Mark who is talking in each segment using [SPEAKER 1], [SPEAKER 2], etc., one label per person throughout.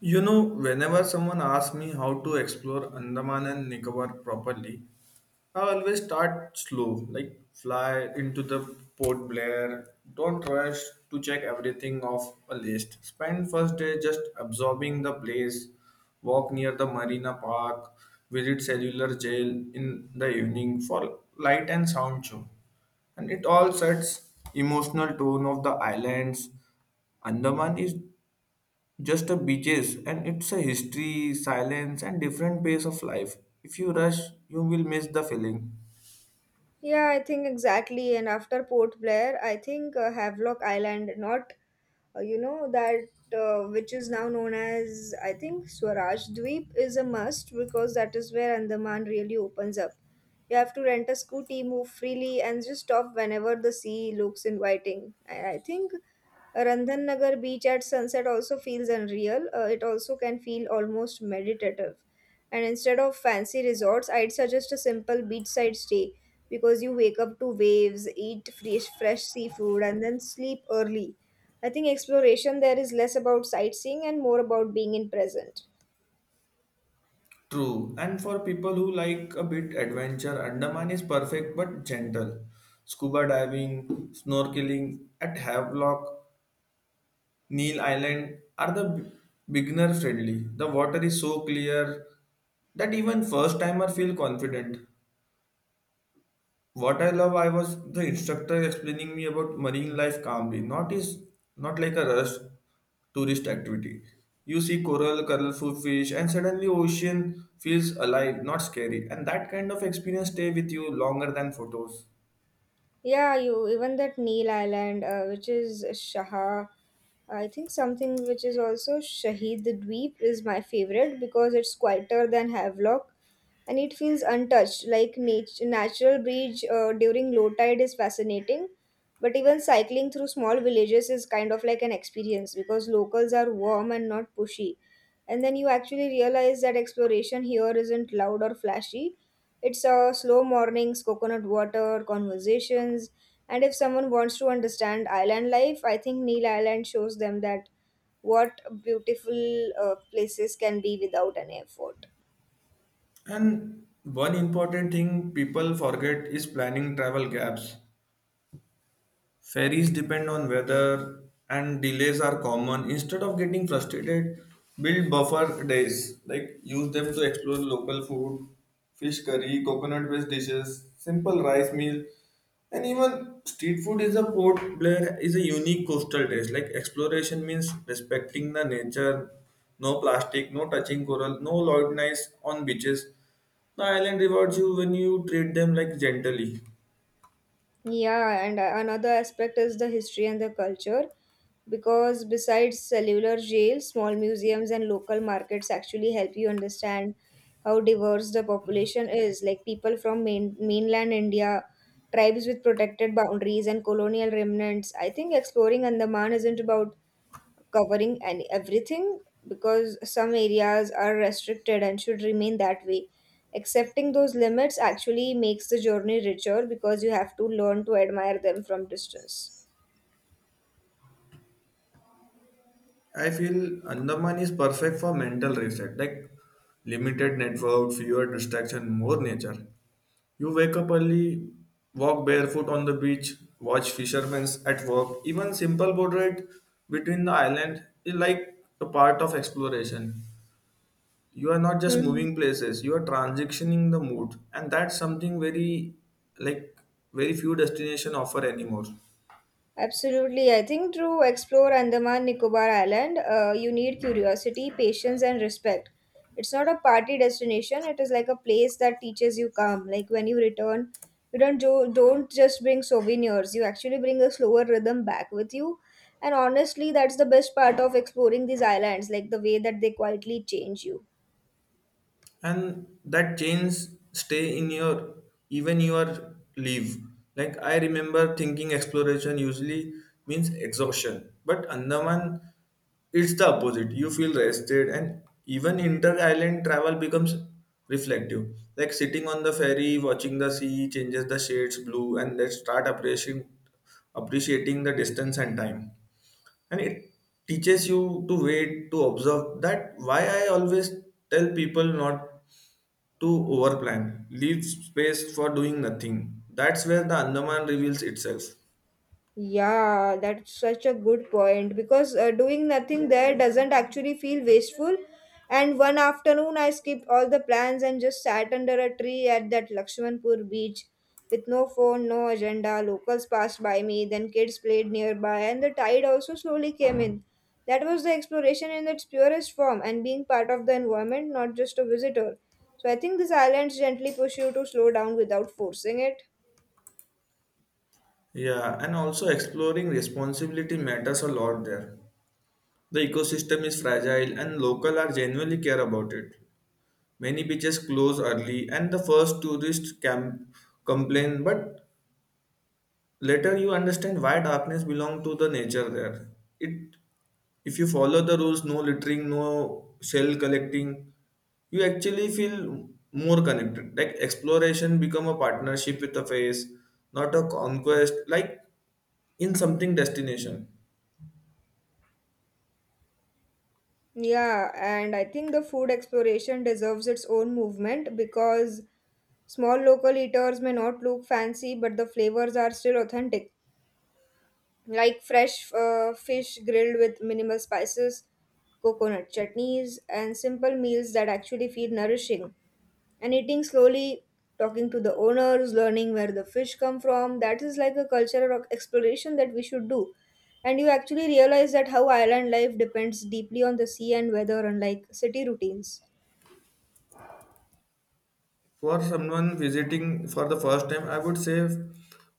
[SPEAKER 1] You know, whenever someone asks me how to explore Andaman and Nicobar properly, I always start slow, like fly into the Port Blair. Don't rush to check everything off a list. Spend first day just absorbing the place, walk near the Marina Park, visit cellular jail in the evening for light and sound show. And it all sets emotional tone of the islands. Andaman is just the beaches and it's a history silence and different pace of life if you rush you will miss the feeling
[SPEAKER 2] Yeah, I think exactly. And after Port Blair, I think Havelock Island, not you know that which is now known as I think Swaraj Dweep, is a must because that is where Andaman really opens up. You have to rent a scooty, move freely, and just stop whenever the sea looks inviting. And I think Randhan Nagar beach at sunset also feels unreal. It also can feel almost meditative. And instead of fancy resorts, I'd suggest a simple beachside stay because you wake up to waves, eat fresh seafood, and then sleep early. I think exploration there is less about sightseeing and more about being in present.
[SPEAKER 1] true. And for people who like a bit adventure, andaman is perfect but gentle. Scuba diving, snorkeling at Havelock, Neil Island are the beginner friendly. The water is so clear that even first timer feel confident. What I love, I was the instructor explaining me about marine life calmly, not like a rush tourist activity. You see coral, colorful fish, and suddenly ocean feels alive, not scary. And that kind of experience stay with you longer than photos.
[SPEAKER 2] Yeah, you even that Neil Island, which is Shaha, I think something which is also Shahid Dweep is my favorite because it's quieter than Havelock, and it feels untouched. Like natural bridge during low tide is fascinating, but even cycling through small villages is kind of like an experience because locals are warm and not pushy. And then you actually realize that exploration here isn't loud or flashy. It's slow mornings, coconut water conversations. And if someone wants to understand island life, I think Neil Island shows them that what beautiful places can be without an effort.
[SPEAKER 1] And one important thing people forget is planning travel gaps. Ferries depend on weather and delays are common. Instead of getting frustrated, build buffer days. Like use them to explore local food, fish curry, coconut based dishes, simple rice meal, and even street food is a port Blair is a unique coastal taste. Like exploration means respecting the nature, no plastic, no touching coral, no loud noise on beaches. The island rewards you when you treat them like gently.
[SPEAKER 2] Yeah, and another aspect is the history and the culture, because besides cellular jails, small museums and local markets actually help you understand how diverse the population is. Like people from mainland India, tribes with protected boundaries, and colonial remnants. I think exploring Andaman isn't about covering and everything, because some areas are restricted and should remain that way. Accepting those limits actually makes the journey richer because you have to learn to admire them from distance.
[SPEAKER 1] I feel Andaman is perfect for mental reset, like limited network, fewer distraction, more nature. You wake up early, walk barefoot on the beach, watch fishermen at work. Even simple boat ride between the island is like a part of exploration. You are not just
[SPEAKER 2] Hmm.
[SPEAKER 1] moving places; you are transitioning the mood, and that's something very, like, very few destination offer anymore.
[SPEAKER 2] Absolutely. I think to explore Andaman Nicobar Island, you need curiosity, patience, and respect. It's not a party destination. It is like a place that teaches you calm. Like when you return, you don't just bring souvenirs. You actually bring a slower rhythm back with you. And honestly, that's the best part of exploring these islands, like the way that they quietly change you.
[SPEAKER 1] And that chains stay in your even your leave. Like I remember thinking exploration usually means exhaustion, but Andaman, it's the opposite. You feel rested, and even inter island travel becomes reflective. Like sitting on the ferry watching the sea changes the shades blue and let's start appreciating the distance and time. And it teaches you to wait to observe. That why I always tell people not to overplan. Leave space for doing nothing. That's where the Andaman reveals itself.
[SPEAKER 2] Yeah, that's such a good point, because doing nothing there doesn't actually feel wasteful. And one afternoon, I skipped all the plans and just sat under a tree at that Lakshmanpur beach with no phone, no agenda. Locals passed by me, then kids played nearby, and the tide also slowly came in. That was the exploration in its purest form and being part of the environment, not just a visitor. So I think these islands gently push you to slow down without forcing it.
[SPEAKER 1] Yeah, and also exploring responsibility matters a lot there. The ecosystem is fragile and local are genuinely care about it. Many beaches close early and the first tourists can complain, but later you understand why darkness belong to the nature there. It, if you follow the rules, no littering, no shell collecting, you actually feel more connected. Like exploration become a partnership with a face, not a conquest like in something destination.
[SPEAKER 2] Yeah, and I think the food exploration deserves its own movement because small local eaters may not look fancy, but the flavors are still authentic, like fresh fish grilled with minimal spices, coconut chutneys, and simple meals that actually feel nourishing. And eating slowly, talking to the owners, learning where the fish come from, that is like a cultural exploration that we should do. And you actually realize that how island life depends deeply on the sea and weather, unlike city routines.
[SPEAKER 1] For someone visiting for the first time, I would say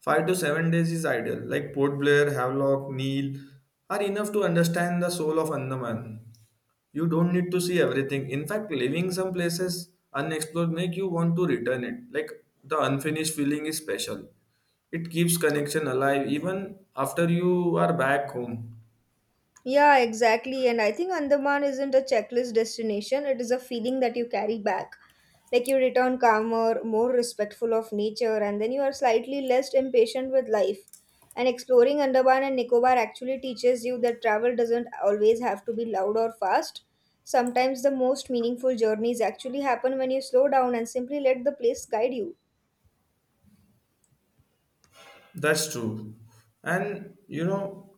[SPEAKER 1] 5 to 7 days is ideal. Like Port Blair, Havelock, Neil are enough to understand the soul of Andaman. You don't need to see everything. In fact, leaving some places unexplored make you want to return it. Like the unfinished feeling is special. It keeps connection alive even after you are back home.
[SPEAKER 2] Yeah, exactly. And I think Andaman isn't a checklist destination, it is a feeling that you carry back. Like you return calmer, more respectful of nature, and then you are slightly less impatient with life. And exploring Andaman and Nicobar actually teaches you that travel doesn't always have to be loud or fast. Sometimes the most meaningful journeys actually happen when you slow down and simply let the place guide you.
[SPEAKER 1] That's true. And you know,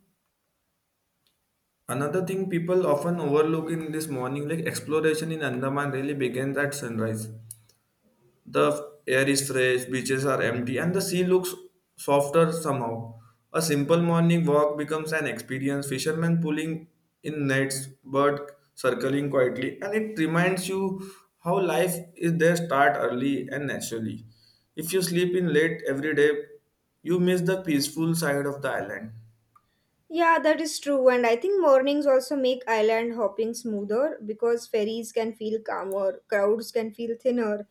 [SPEAKER 1] another thing people often overlook in this morning, like exploration in Andaman really begins at sunrise. The air is fresh, beaches are empty, and the sea looks softer somehow. A simple morning walk becomes an experience. Fishermen pulling in nets, bird circling quietly, and it reminds you how life is there start early and naturally. If you sleep in late every day, you miss the peaceful side of the island.
[SPEAKER 2] Yeah, that is true. And I think mornings also make island hopping smoother because ferries can feel calmer, crowds can feel thinner,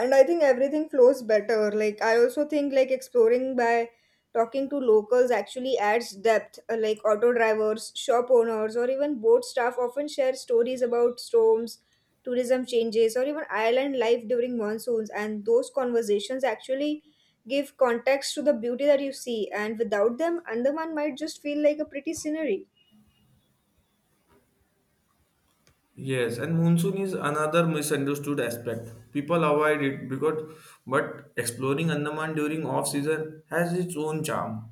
[SPEAKER 2] and I think everything flows better. Like I also think like exploring by talking to locals actually adds depth. Like auto drivers, shop owners, or even boat staff often share stories about storms, tourism changes, or even island life during monsoons, and those conversations actually give context to the beauty that you see. And without them, Andaman might just feel like a pretty scenery.
[SPEAKER 1] Yes, and monsoon is another misunderstood aspect. People avoid it because but exploring Andaman during off season has its own charm.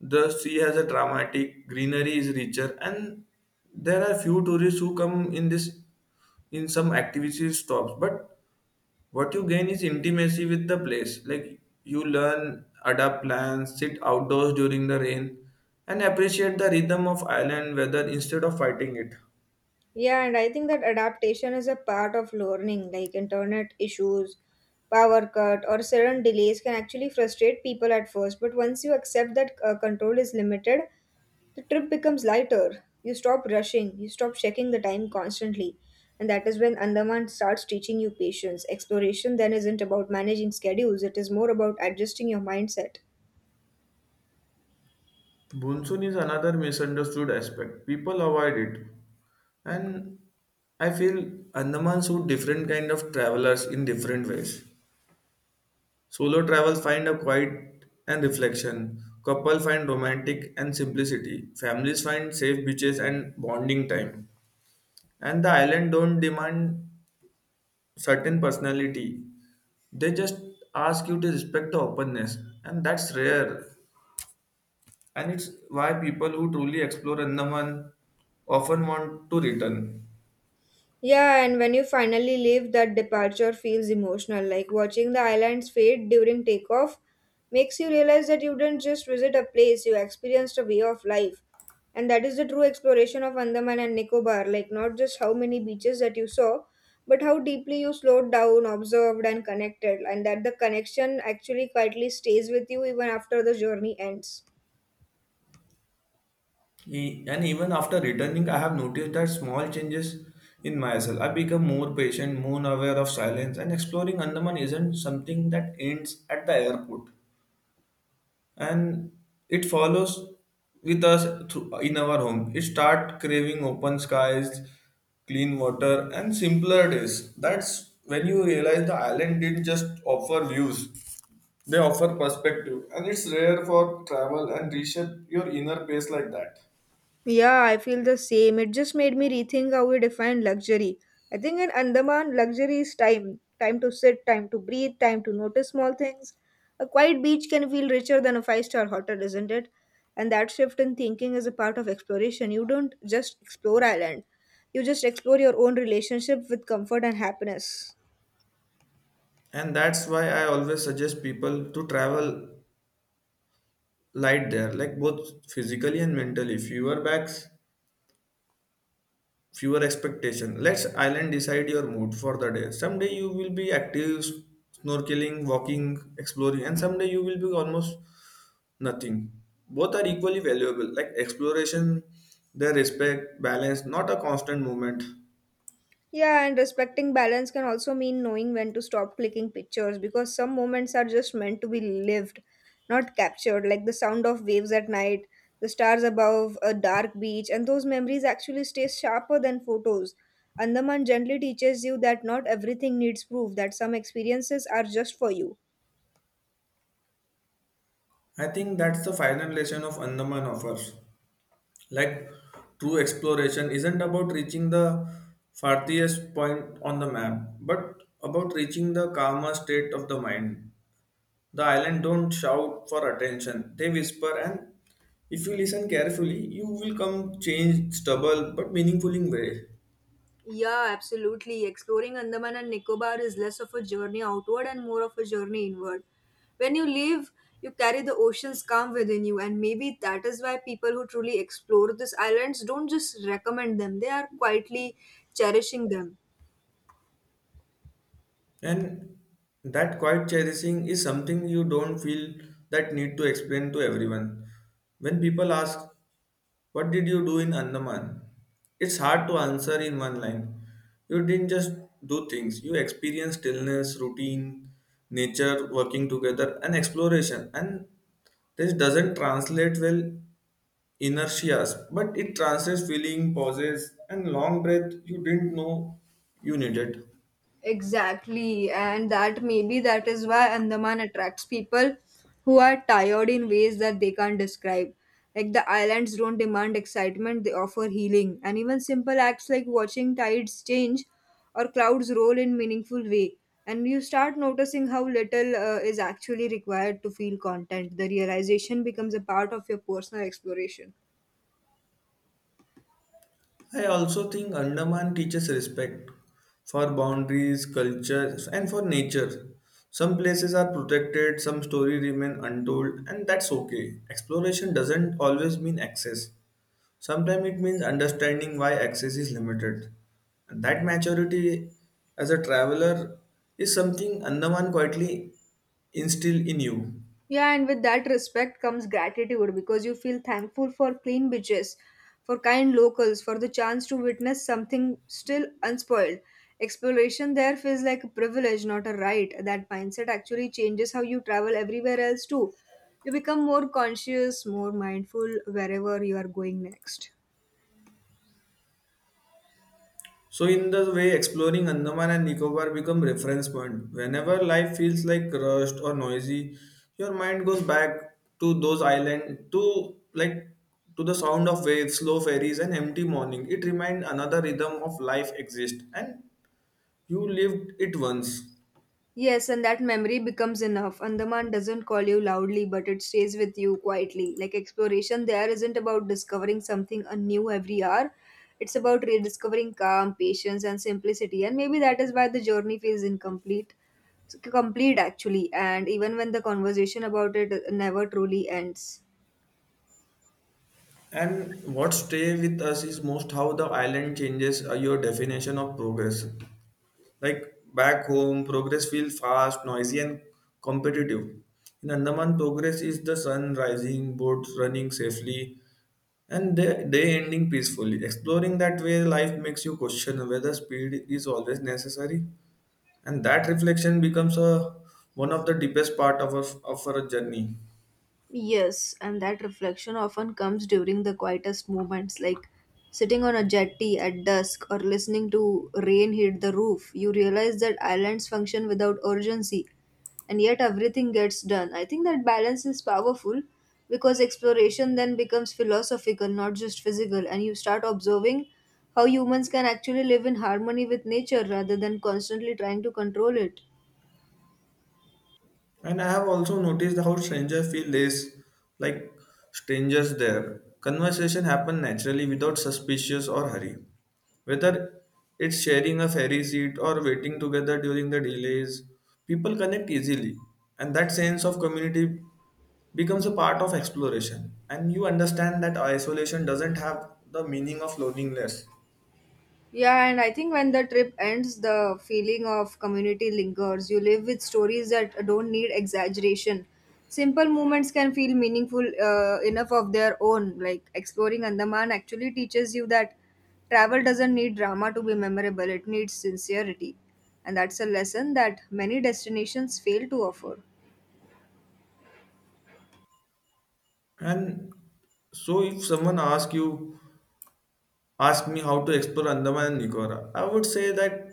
[SPEAKER 1] The sea has a dramatic, greenery is richer, and there are few tourists who come in this in some activity stops. But what you gain is intimacy with the place. Like you learn, adapt plans, sit outdoors during the rain, and appreciate the rhythm of island weather instead of fighting it.
[SPEAKER 2] Yeah, and I think that adaptation is a part of learning, like internet issues, power cut, or sudden delays can actually frustrate people at first. But once you accept that control is limited, the trip becomes lighter. You stop rushing, you stop checking the time constantly. And that is when Andaman starts teaching you patience. Exploration then isn't about managing schedules, it is more about adjusting your mindset.
[SPEAKER 1] Monsoon is another misunderstood aspect. People avoid it. And I feel Andaman suit different kind of travelers in different ways. Solo travels find a quiet and reflection. Couple find romantic and simplicity. Families find safe beaches and bonding time. And the island don't demand certain personality. They just ask you to respect the openness, and that's rare. And it's why people who truly explore Andaman often want to return.
[SPEAKER 2] Yeah, and when you finally leave, that departure feels emotional. Like watching the islands fade during takeoff makes you realize that you didn't just visit a place, you experienced a way of life. And that is the true exploration of Andaman and Nicobar. Like, not just how many beaches that you saw, but how deeply you slowed down, observed, and connected. And that the connection actually quietly stays with you even after the journey ends.
[SPEAKER 1] And even after returning, I have noticed that small changes in myself. I become more patient, more aware of silence, and exploring Andaman isn't something that ends at the airport. And it follows with us through, in our home. It start craving open skies, clean water, and simpler days. That's when you realize the island didn't just offer views; they offer perspective, and it's rare for travel and reshape your inner pace like that.
[SPEAKER 2] Yeah, I feel the same. It just made me rethink how we define luxury. I think in Andaman, luxury is time, time to sit, time to breathe, time to notice small things. A quiet beach can feel richer than a five-star hotel, isn't it? And that shift in thinking is a part of exploration. You don't just explore island, you just explore your own relationship with comfort and happiness.
[SPEAKER 1] And that's why I always suggest people to travel light there, like both physically and mentally. Fewer bags, fewer expectation, let's island decide your mood for the day. Someday you will be active, snorkeling, walking, exploring, and someday you will be almost nothing. Both are equally valuable. Like exploration their respect balance, not a constant movement.
[SPEAKER 2] Yeah, and respecting balance can also mean knowing when to stop clicking pictures, because some moments are just meant to be lived, not captured, like the sound of waves at night, the stars above a dark beach, and those memories actually stay sharper than photos. Andaman gently teaches you that not everything needs proof, that some experiences are just for you.
[SPEAKER 1] I think that's the final lesson of Andaman offers. Like true exploration isn't about reaching the farthest point on the map, but about reaching the calmer state of the mind. The island don't shout for attention, they whisper, and if you listen carefully, you will come change stubble but meaningful in way.
[SPEAKER 2] Yeah, absolutely. Exploring Andaman and Nicobar is less of a journey outward and more of a journey inward. When you leave, you carry the ocean's calm within you, and maybe that is why people who truly explore these islands don't just recommend them, they are quietly cherishing them.
[SPEAKER 1] And that quiet cherishing is something you don't feel that need to explain to everyone. When people ask, what did you do in Andaman? It's hard to answer in one line. You didn't just do things, you experienced stillness, routine, nature working together, and exploration. And this doesn't translate well inertias, but it translates feeling, pauses, and long breath you didn't know you needed.
[SPEAKER 2] Exactly, and that maybe that is why Andaman attracts people who are tired in ways that they can't describe. Like the islands don't demand excitement, they offer healing, and even simple acts like watching tides change or clouds roll in meaningful way. And you start noticing how little is actually required to feel content. The realization becomes a part of your personal exploration.
[SPEAKER 1] I also think Andaman teaches respect for boundaries, culture, and for nature. Some places are protected, some stories remain untold, and that's okay. Exploration doesn't always mean access. Sometimes it means understanding why access is limited. And that maturity as a traveler is something Andaman quietly instill in you.
[SPEAKER 2] Yeah, and with that respect comes gratitude because you feel thankful for clean beaches, for kind locals, for the chance to witness something still unspoiled. Exploration there feels like a privilege, not a right. That mindset actually changes how you travel everywhere else too. You become more conscious, more mindful wherever you are going next.
[SPEAKER 1] So in the way exploring Andaman and Nicobar become reference point. Whenever life feels like rushed or noisy, your mind goes back to those island to like to the sound of waves, slow ferries and empty morning. It reminds another rhythm of life exists and you lived it once.
[SPEAKER 2] Yes, and that memory becomes enough. Andaman doesn't call you loudly, but it stays with you quietly. Like exploration, there isn't about discovering something anew every hour. It's about rediscovering calm, patience, and simplicity. And maybe that is why the journey feels incomplete, complete actually. And even when the conversation about it never truly ends.
[SPEAKER 1] And what stay with us is most how the island changes your definition of progress. Like back home, progress feels fast, noisy, and competitive. In Andaman, progress is the sun rising, boats running safely, and day ending peacefully. Exploring that way, life makes you question whether speed is always necessary, and that reflection becomes a one of the deepest part of, our journey.
[SPEAKER 2] Yes, and that reflection often comes during the quietest moments, like sitting on a jetty at dusk or listening to rain hit the roof. You realize that islands function without urgency, and yet everything gets done. I think that balance is powerful because exploration then becomes philosophical, not just physical, and you start observing how humans can actually live in harmony with nature rather than constantly trying to control it.
[SPEAKER 1] And I have also noticed how strangers feel less like strangers there. Conversation happen naturally without suspicious or hurry. Whether it's sharing a ferry seat or waiting together during the delays, people connect easily. And that sense of community becomes a part of exploration. And you understand that isolation doesn't have the meaning of loneliness.
[SPEAKER 2] Yeah, and I think when the trip ends, the feeling of community lingers. You live with stories that don't need exaggeration. Simple moments can feel meaningful enough of their own. Like exploring Andaman actually teaches you that travel doesn't need drama to be memorable, it needs sincerity. And that's a lesson that many destinations fail to offer.
[SPEAKER 1] And so if someone ask you, ask me how to explore Andaman and Nicobar, I would say that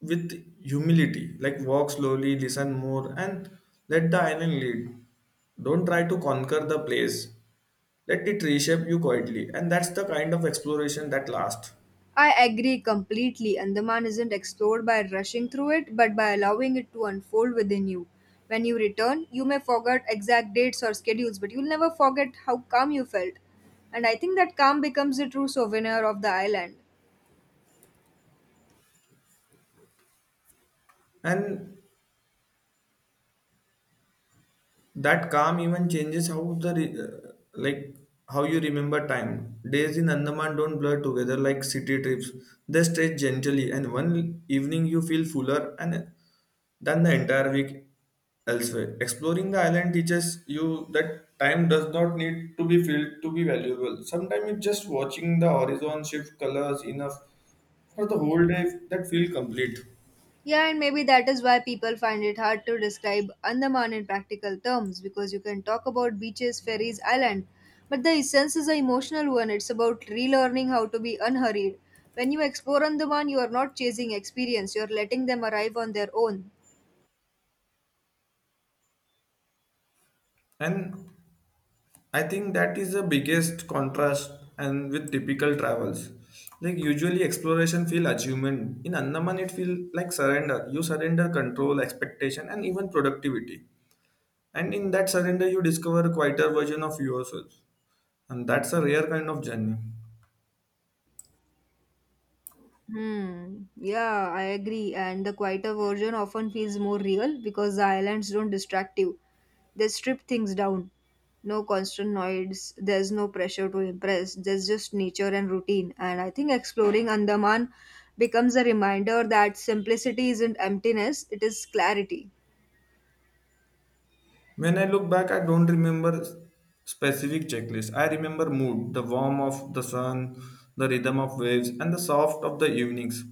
[SPEAKER 1] with humility, like walk slowly, listen more, and let the island lead. Don't try to conquer the place, let it reshape you quietly, and that's the kind of exploration that lasts.
[SPEAKER 2] I agree completely. Andaman isn't explored by rushing through it, but by allowing it to unfold within you. When you return, you may forget exact dates or schedules, but you'll never forget how calm you felt. And I think that calm becomes a true souvenir of the island.
[SPEAKER 1] And that calm even changes how the re- like how you remember time. Days in Andaman don't blur together like city trips. They stretch gently, and one evening you feel fuller and than the entire week elsewhere. Exploring the island teaches you that time does not need to be filled to be valuable. Sometimes it's just watching the horizon shift colors enough for the whole day that feel complete.
[SPEAKER 2] Yeah, and maybe that is why people find it hard to describe Andaman in practical terms, because you can talk about beaches, ferries, island, but the essence is an emotional one. It's about relearning how to be unhurried. When you explore Andaman, you are not chasing experience, you are letting them arrive on their own.
[SPEAKER 1] And I think that is the biggest contrast and with typical travels. Like usually exploration feel achievement. In Andaman it feel like surrender. You surrender control, expectation and even productivity. And in that surrender you discover a quieter version of yourself. And that's a rare kind of journey.
[SPEAKER 2] Hmm. Yeah, I agree. And the quieter version often feels more real because the islands don't distract you. They strip things down. No constant noise. There's no pressure to impress. There's just nature and routine. And I think exploring Andaman becomes a reminder that simplicity isn't emptiness, it is clarity.
[SPEAKER 1] When I look back, I don't remember specific checklists. I remember mood, the warmth of the sun, the rhythm of waves, and the soft of the evenings.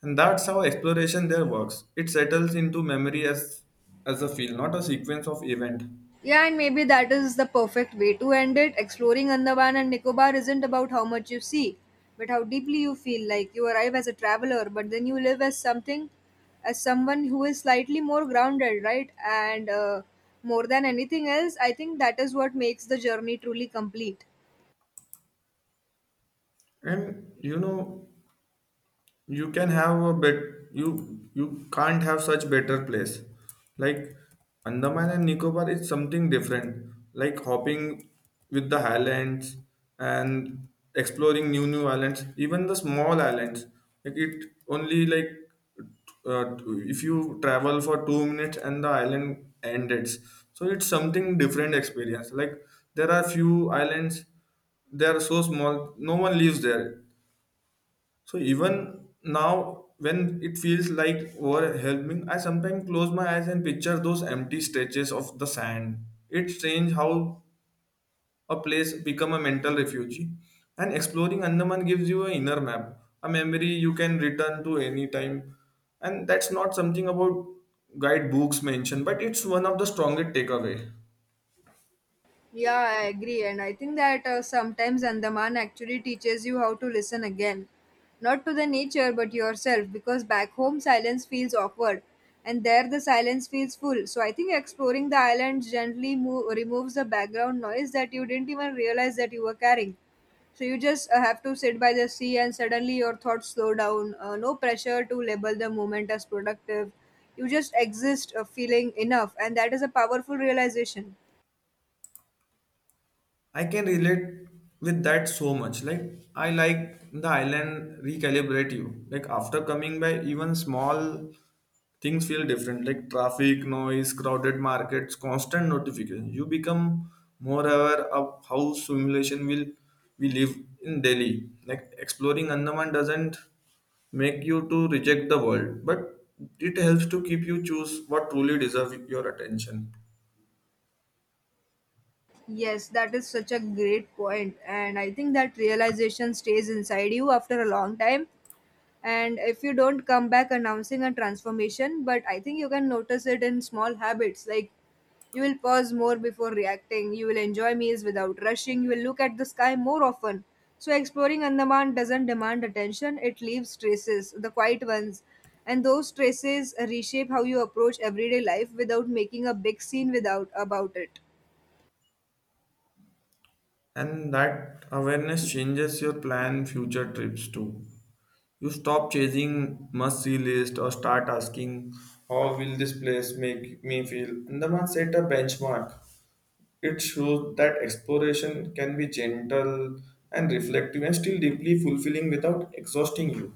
[SPEAKER 1] And that's how exploration there works. It settles into memory as a feel, not a sequence of event.
[SPEAKER 2] Yeah, and maybe that is the perfect way to end it. Exploring Andaman and Nicobar isn't about how much you see, but how deeply you feel. Like you arrive as a traveler, but then you live as something, as someone who is slightly more grounded, right? And More than anything else, I think that is what makes the journey truly complete.
[SPEAKER 1] And you know, you can have a bet you can't have such better place, like Andaman and Nicobar is something different, like hopping with the islands and exploring new islands, even the small islands. Like it only like, uh, if you travel for 2 minutes and the island ends, so it's something different experience. Like there are few islands, they are so small no one lives there. So even now, when it feels like overwhelming, I sometimes close my eyes and picture those empty stretches of the sand. It's strange how a place become a mental refuge. And exploring Andaman gives you an inner map, a memory you can return to any time. And that's not something about guidebooks mention, but it's one of the strongest takeaway.
[SPEAKER 2] Yeah, I agree. And I think that sometimes Andaman actually teaches you how to listen again. Not to the nature, but yourself, because back home silence feels awkward and there the silence feels full. So I think exploring the island gently removes the background noise that you didn't even realize that you were carrying. So you just have to sit by the sea and suddenly your thoughts slow down. No pressure to label the moment as productive. You just exist feeling enough, and that is a powerful realization.
[SPEAKER 1] I can relate with that so much. Like I like the island recalibrate you. Like after coming by, even small things feel different. Like traffic, noise, crowded markets, constant notification. You become more aware of how simulation will we live in Delhi. Like exploring Andaman doesn't make you to reject the world, but it helps to keep you choose what truly deserve your attention.
[SPEAKER 2] Yes, that is such a great point, and I think that realization stays inside you after a long time. And if you don't come back announcing a transformation, but I think you can notice it in small habits like you will pause more before reacting, you will enjoy meals without rushing, you will look at the sky more often. So, exploring Andaman doesn't demand attention, it leaves traces, the quiet ones. And those traces reshape how you approach everyday life without making a big scene without about it.
[SPEAKER 1] And that awareness changes your plan future trips too. You stop chasing must see list or start asking, how will this place make me feel? And the man set a benchmark. It shows that exploration can be gentle and reflective and still deeply fulfilling without exhausting you.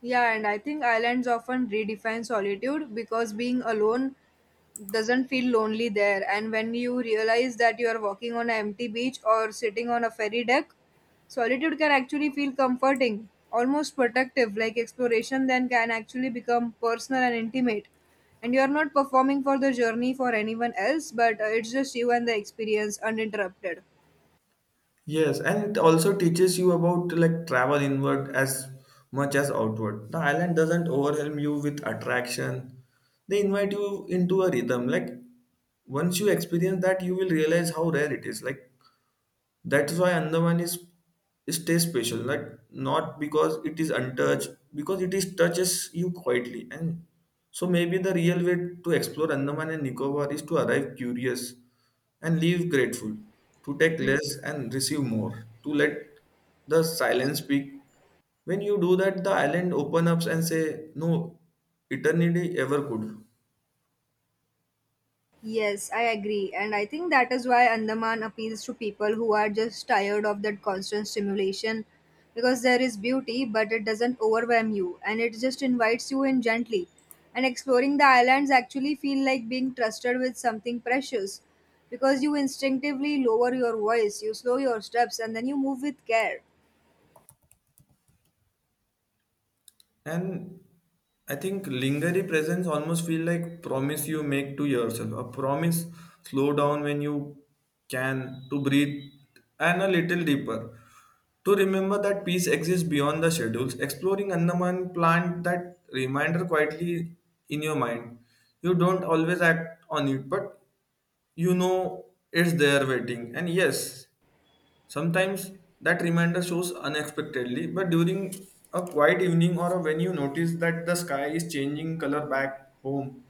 [SPEAKER 2] Yeah, and I think islands often redefine solitude because being alone doesn't feel lonely there. And when you realize that you are walking on an empty beach or sitting on a ferry deck, solitude can actually feel comforting, almost protective, like exploration then can actually become personal and intimate. And you are not performing for the journey for anyone else, but it's just you and the experience uninterrupted.
[SPEAKER 1] Yes, and it also teaches you about like travel inward as much as outward. The island doesn't overwhelm you with attraction. They invite you into a rhythm. Like once you experience that, you will realize how rare it is. Like that's why Andaman is stays special, like not because it is untouched, because it is touches you quietly. And so maybe the real way to explore Andaman and Nicobar is to arrive curious and leave grateful, to take less and receive more, to let the silence speak. When you do that, the island opens up and say, "No, eternity ever could."
[SPEAKER 2] Yes, I agree. And I think that is why Andaman appeals to people who are just tired of that constant stimulation because there is beauty, but it doesn't overwhelm you and it just invites you in gently. And exploring the islands actually feel like being trusted with something precious because you instinctively lower your voice, you slow your steps, and then you move with care.
[SPEAKER 1] And I think lingering presence almost feel like promise you make to yourself. A promise slow down when you can to breathe and a little deeper. To remember that peace exists beyond the schedules, exploring Andaman plant that reminder quietly in your mind. You don't always act on it, but you know it's there waiting. And yes, sometimes that reminder shows unexpectedly, but during a quiet evening or when you notice that the sky is changing color back home,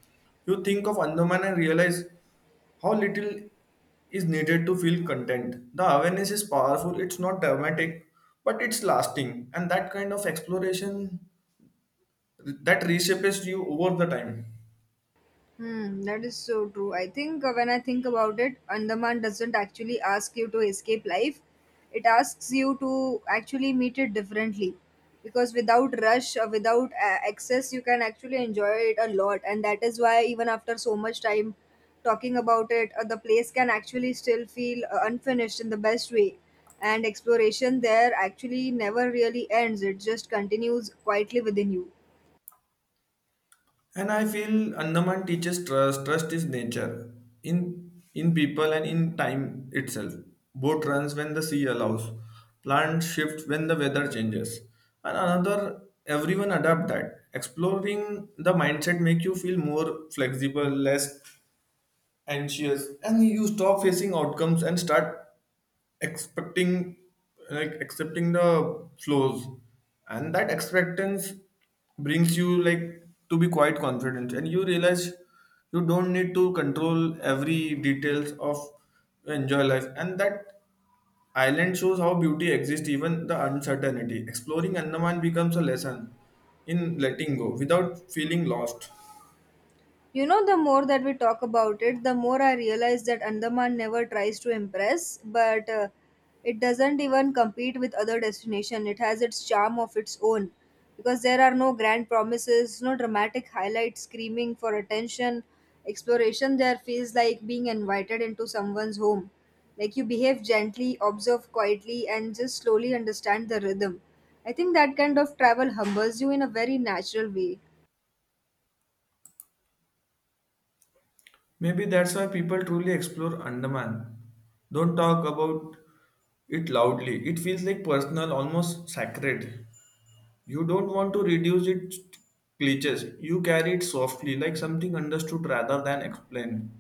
[SPEAKER 1] you think of Andaman and realize how little is needed to feel content. The awareness is powerful, it's not dramatic, but it's lasting, and that kind of exploration that reshapes you over the time.
[SPEAKER 2] Hmm, that is so true. I think when I think about it, Andaman doesn't actually ask you to escape life. It asks you to actually meet it differently. Because without rush or without excess, you can actually enjoy it a lot. And that is why, even after so much time talking about it, the place can actually still feel unfinished in the best way. And exploration there actually never really ends, it just continues quietly within you.
[SPEAKER 1] And I feel Andaman teaches trust. Trust is nature in people and in time itself. Boat runs when the sea allows. Plants shift when the weather changes. And another, everyone adapt that. Exploring the mindset make you feel more flexible, less anxious, and you stop facing outcomes and start expecting, like accepting the flows, and that expectance brings you like to be quite confident. And you realize you don't need to control every details of enjoy life, and that island shows how beauty exists even the uncertainty. Exploring Andaman becomes a lesson in letting go without feeling lost.
[SPEAKER 2] You know, the more that we talk about it, the more I realize that Andaman never tries to impress, but it doesn't even compete with other destination. It has its charm of its own because there are no grand promises, no dramatic highlights screaming for attention. Exploration there feels like being invited into someone's home. Like you behave gently, observe quietly, and just slowly understand the rhythm. I think that kind of travel humbles you in a very natural way.
[SPEAKER 1] Maybe that's why people truly explore Andaman. Don't talk about it loudly. It feels like personal, almost sacred. You don't want to reduce it to cliches. You carry it softly, like something understood rather than explained.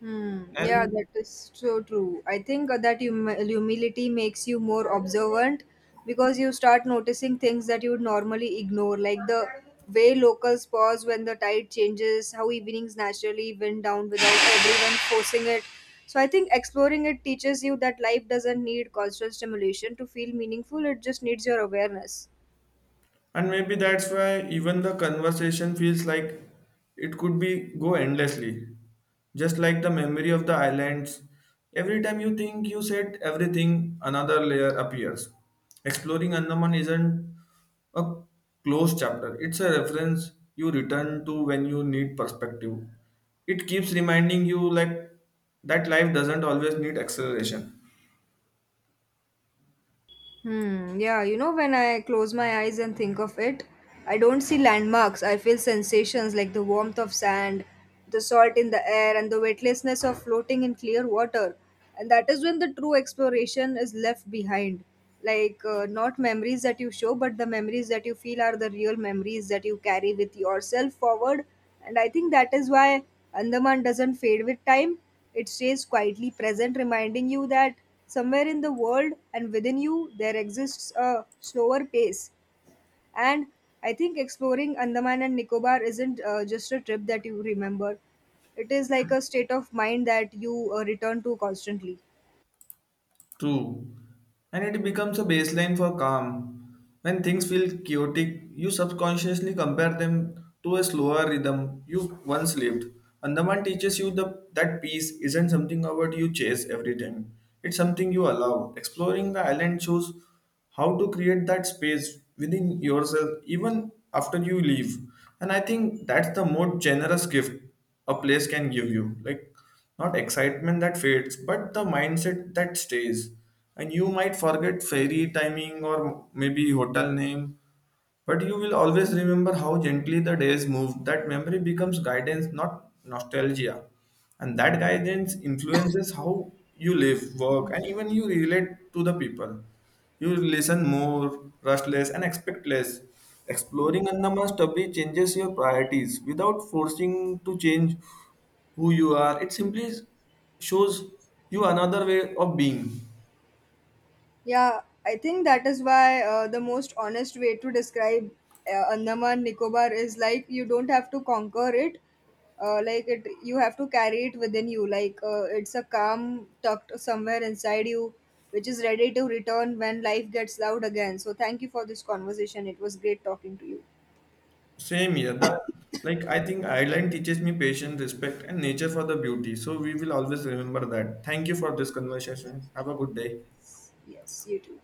[SPEAKER 2] Hmm. Yeah,
[SPEAKER 1] And
[SPEAKER 2] that is so true. I think that humility makes you more observant because you start noticing things that you would normally ignore, like the way locals pause when the tide changes, how evenings naturally wind down without everyone forcing it. So I think exploring it teaches you that life doesn't need constant stimulation to feel meaningful. It just needs your awareness.
[SPEAKER 1] and maybe that's why even the conversation feels like it could be go endlessly, just like the memory of the islands. Every time you think you said everything, another layer appears. Exploring Andaman isn't a closed chapter, it's a reference you return to when you need perspective. It keeps reminding you, like, that life doesn't always need acceleration.
[SPEAKER 2] Hmm, yeah, you know, when I close my eyes and think of it, I don't see landmarks. I feel sensations like the warmth of sand, the salt in the air, and the weightlessness of floating in clear water. And that is when the true exploration is left behind. Not memories that you show, but the memories that you feel are the real memories that you carry with yourself forward. And I think that is why Andaman doesn't fade with time. It stays quietly present, reminding you that somewhere in the world and within you there exists a slower pace. And I think exploring Andaman and Nicobar isn't just a trip that you remember, it is like a state of mind that you return to constantly.
[SPEAKER 1] True. And it becomes a baseline for calm. When things feel chaotic, you subconsciously compare them to a slower rhythm you once lived. Andaman teaches you the, that peace isn't something about you chase every time. It's something you allow. Exploring the island shows how to create that space within yourself even after you leave. And I think that's the most generous gift a place can give you. Like not excitement that fades, but the mindset that stays. And you might forget ferry timing or maybe hotel name, but you will always remember how gently the days moved. That memory becomes guidance, not nostalgia. And that guidance influences how you live, work, and even you relate to the people. You listen more, rush less, and expect less. Exploring Andaman study changes your priorities without forcing to change who you are. It simply shows you another way of being.
[SPEAKER 2] Yeah, I think that is why the most honest way to describe Andaman Nicobar is like you don't have to conquer it, like it you have to carry it within you. Like it's a calm tucked somewhere inside you, which is ready to return when life gets loud again. So thank you for this conversation. It was great talking to you.
[SPEAKER 1] Same here. The, like I think Ireland teaches me patience, respect, and nature for the beauty. So we will always remember that. Thank you for this conversation. Have a good day.
[SPEAKER 2] Yes, you too.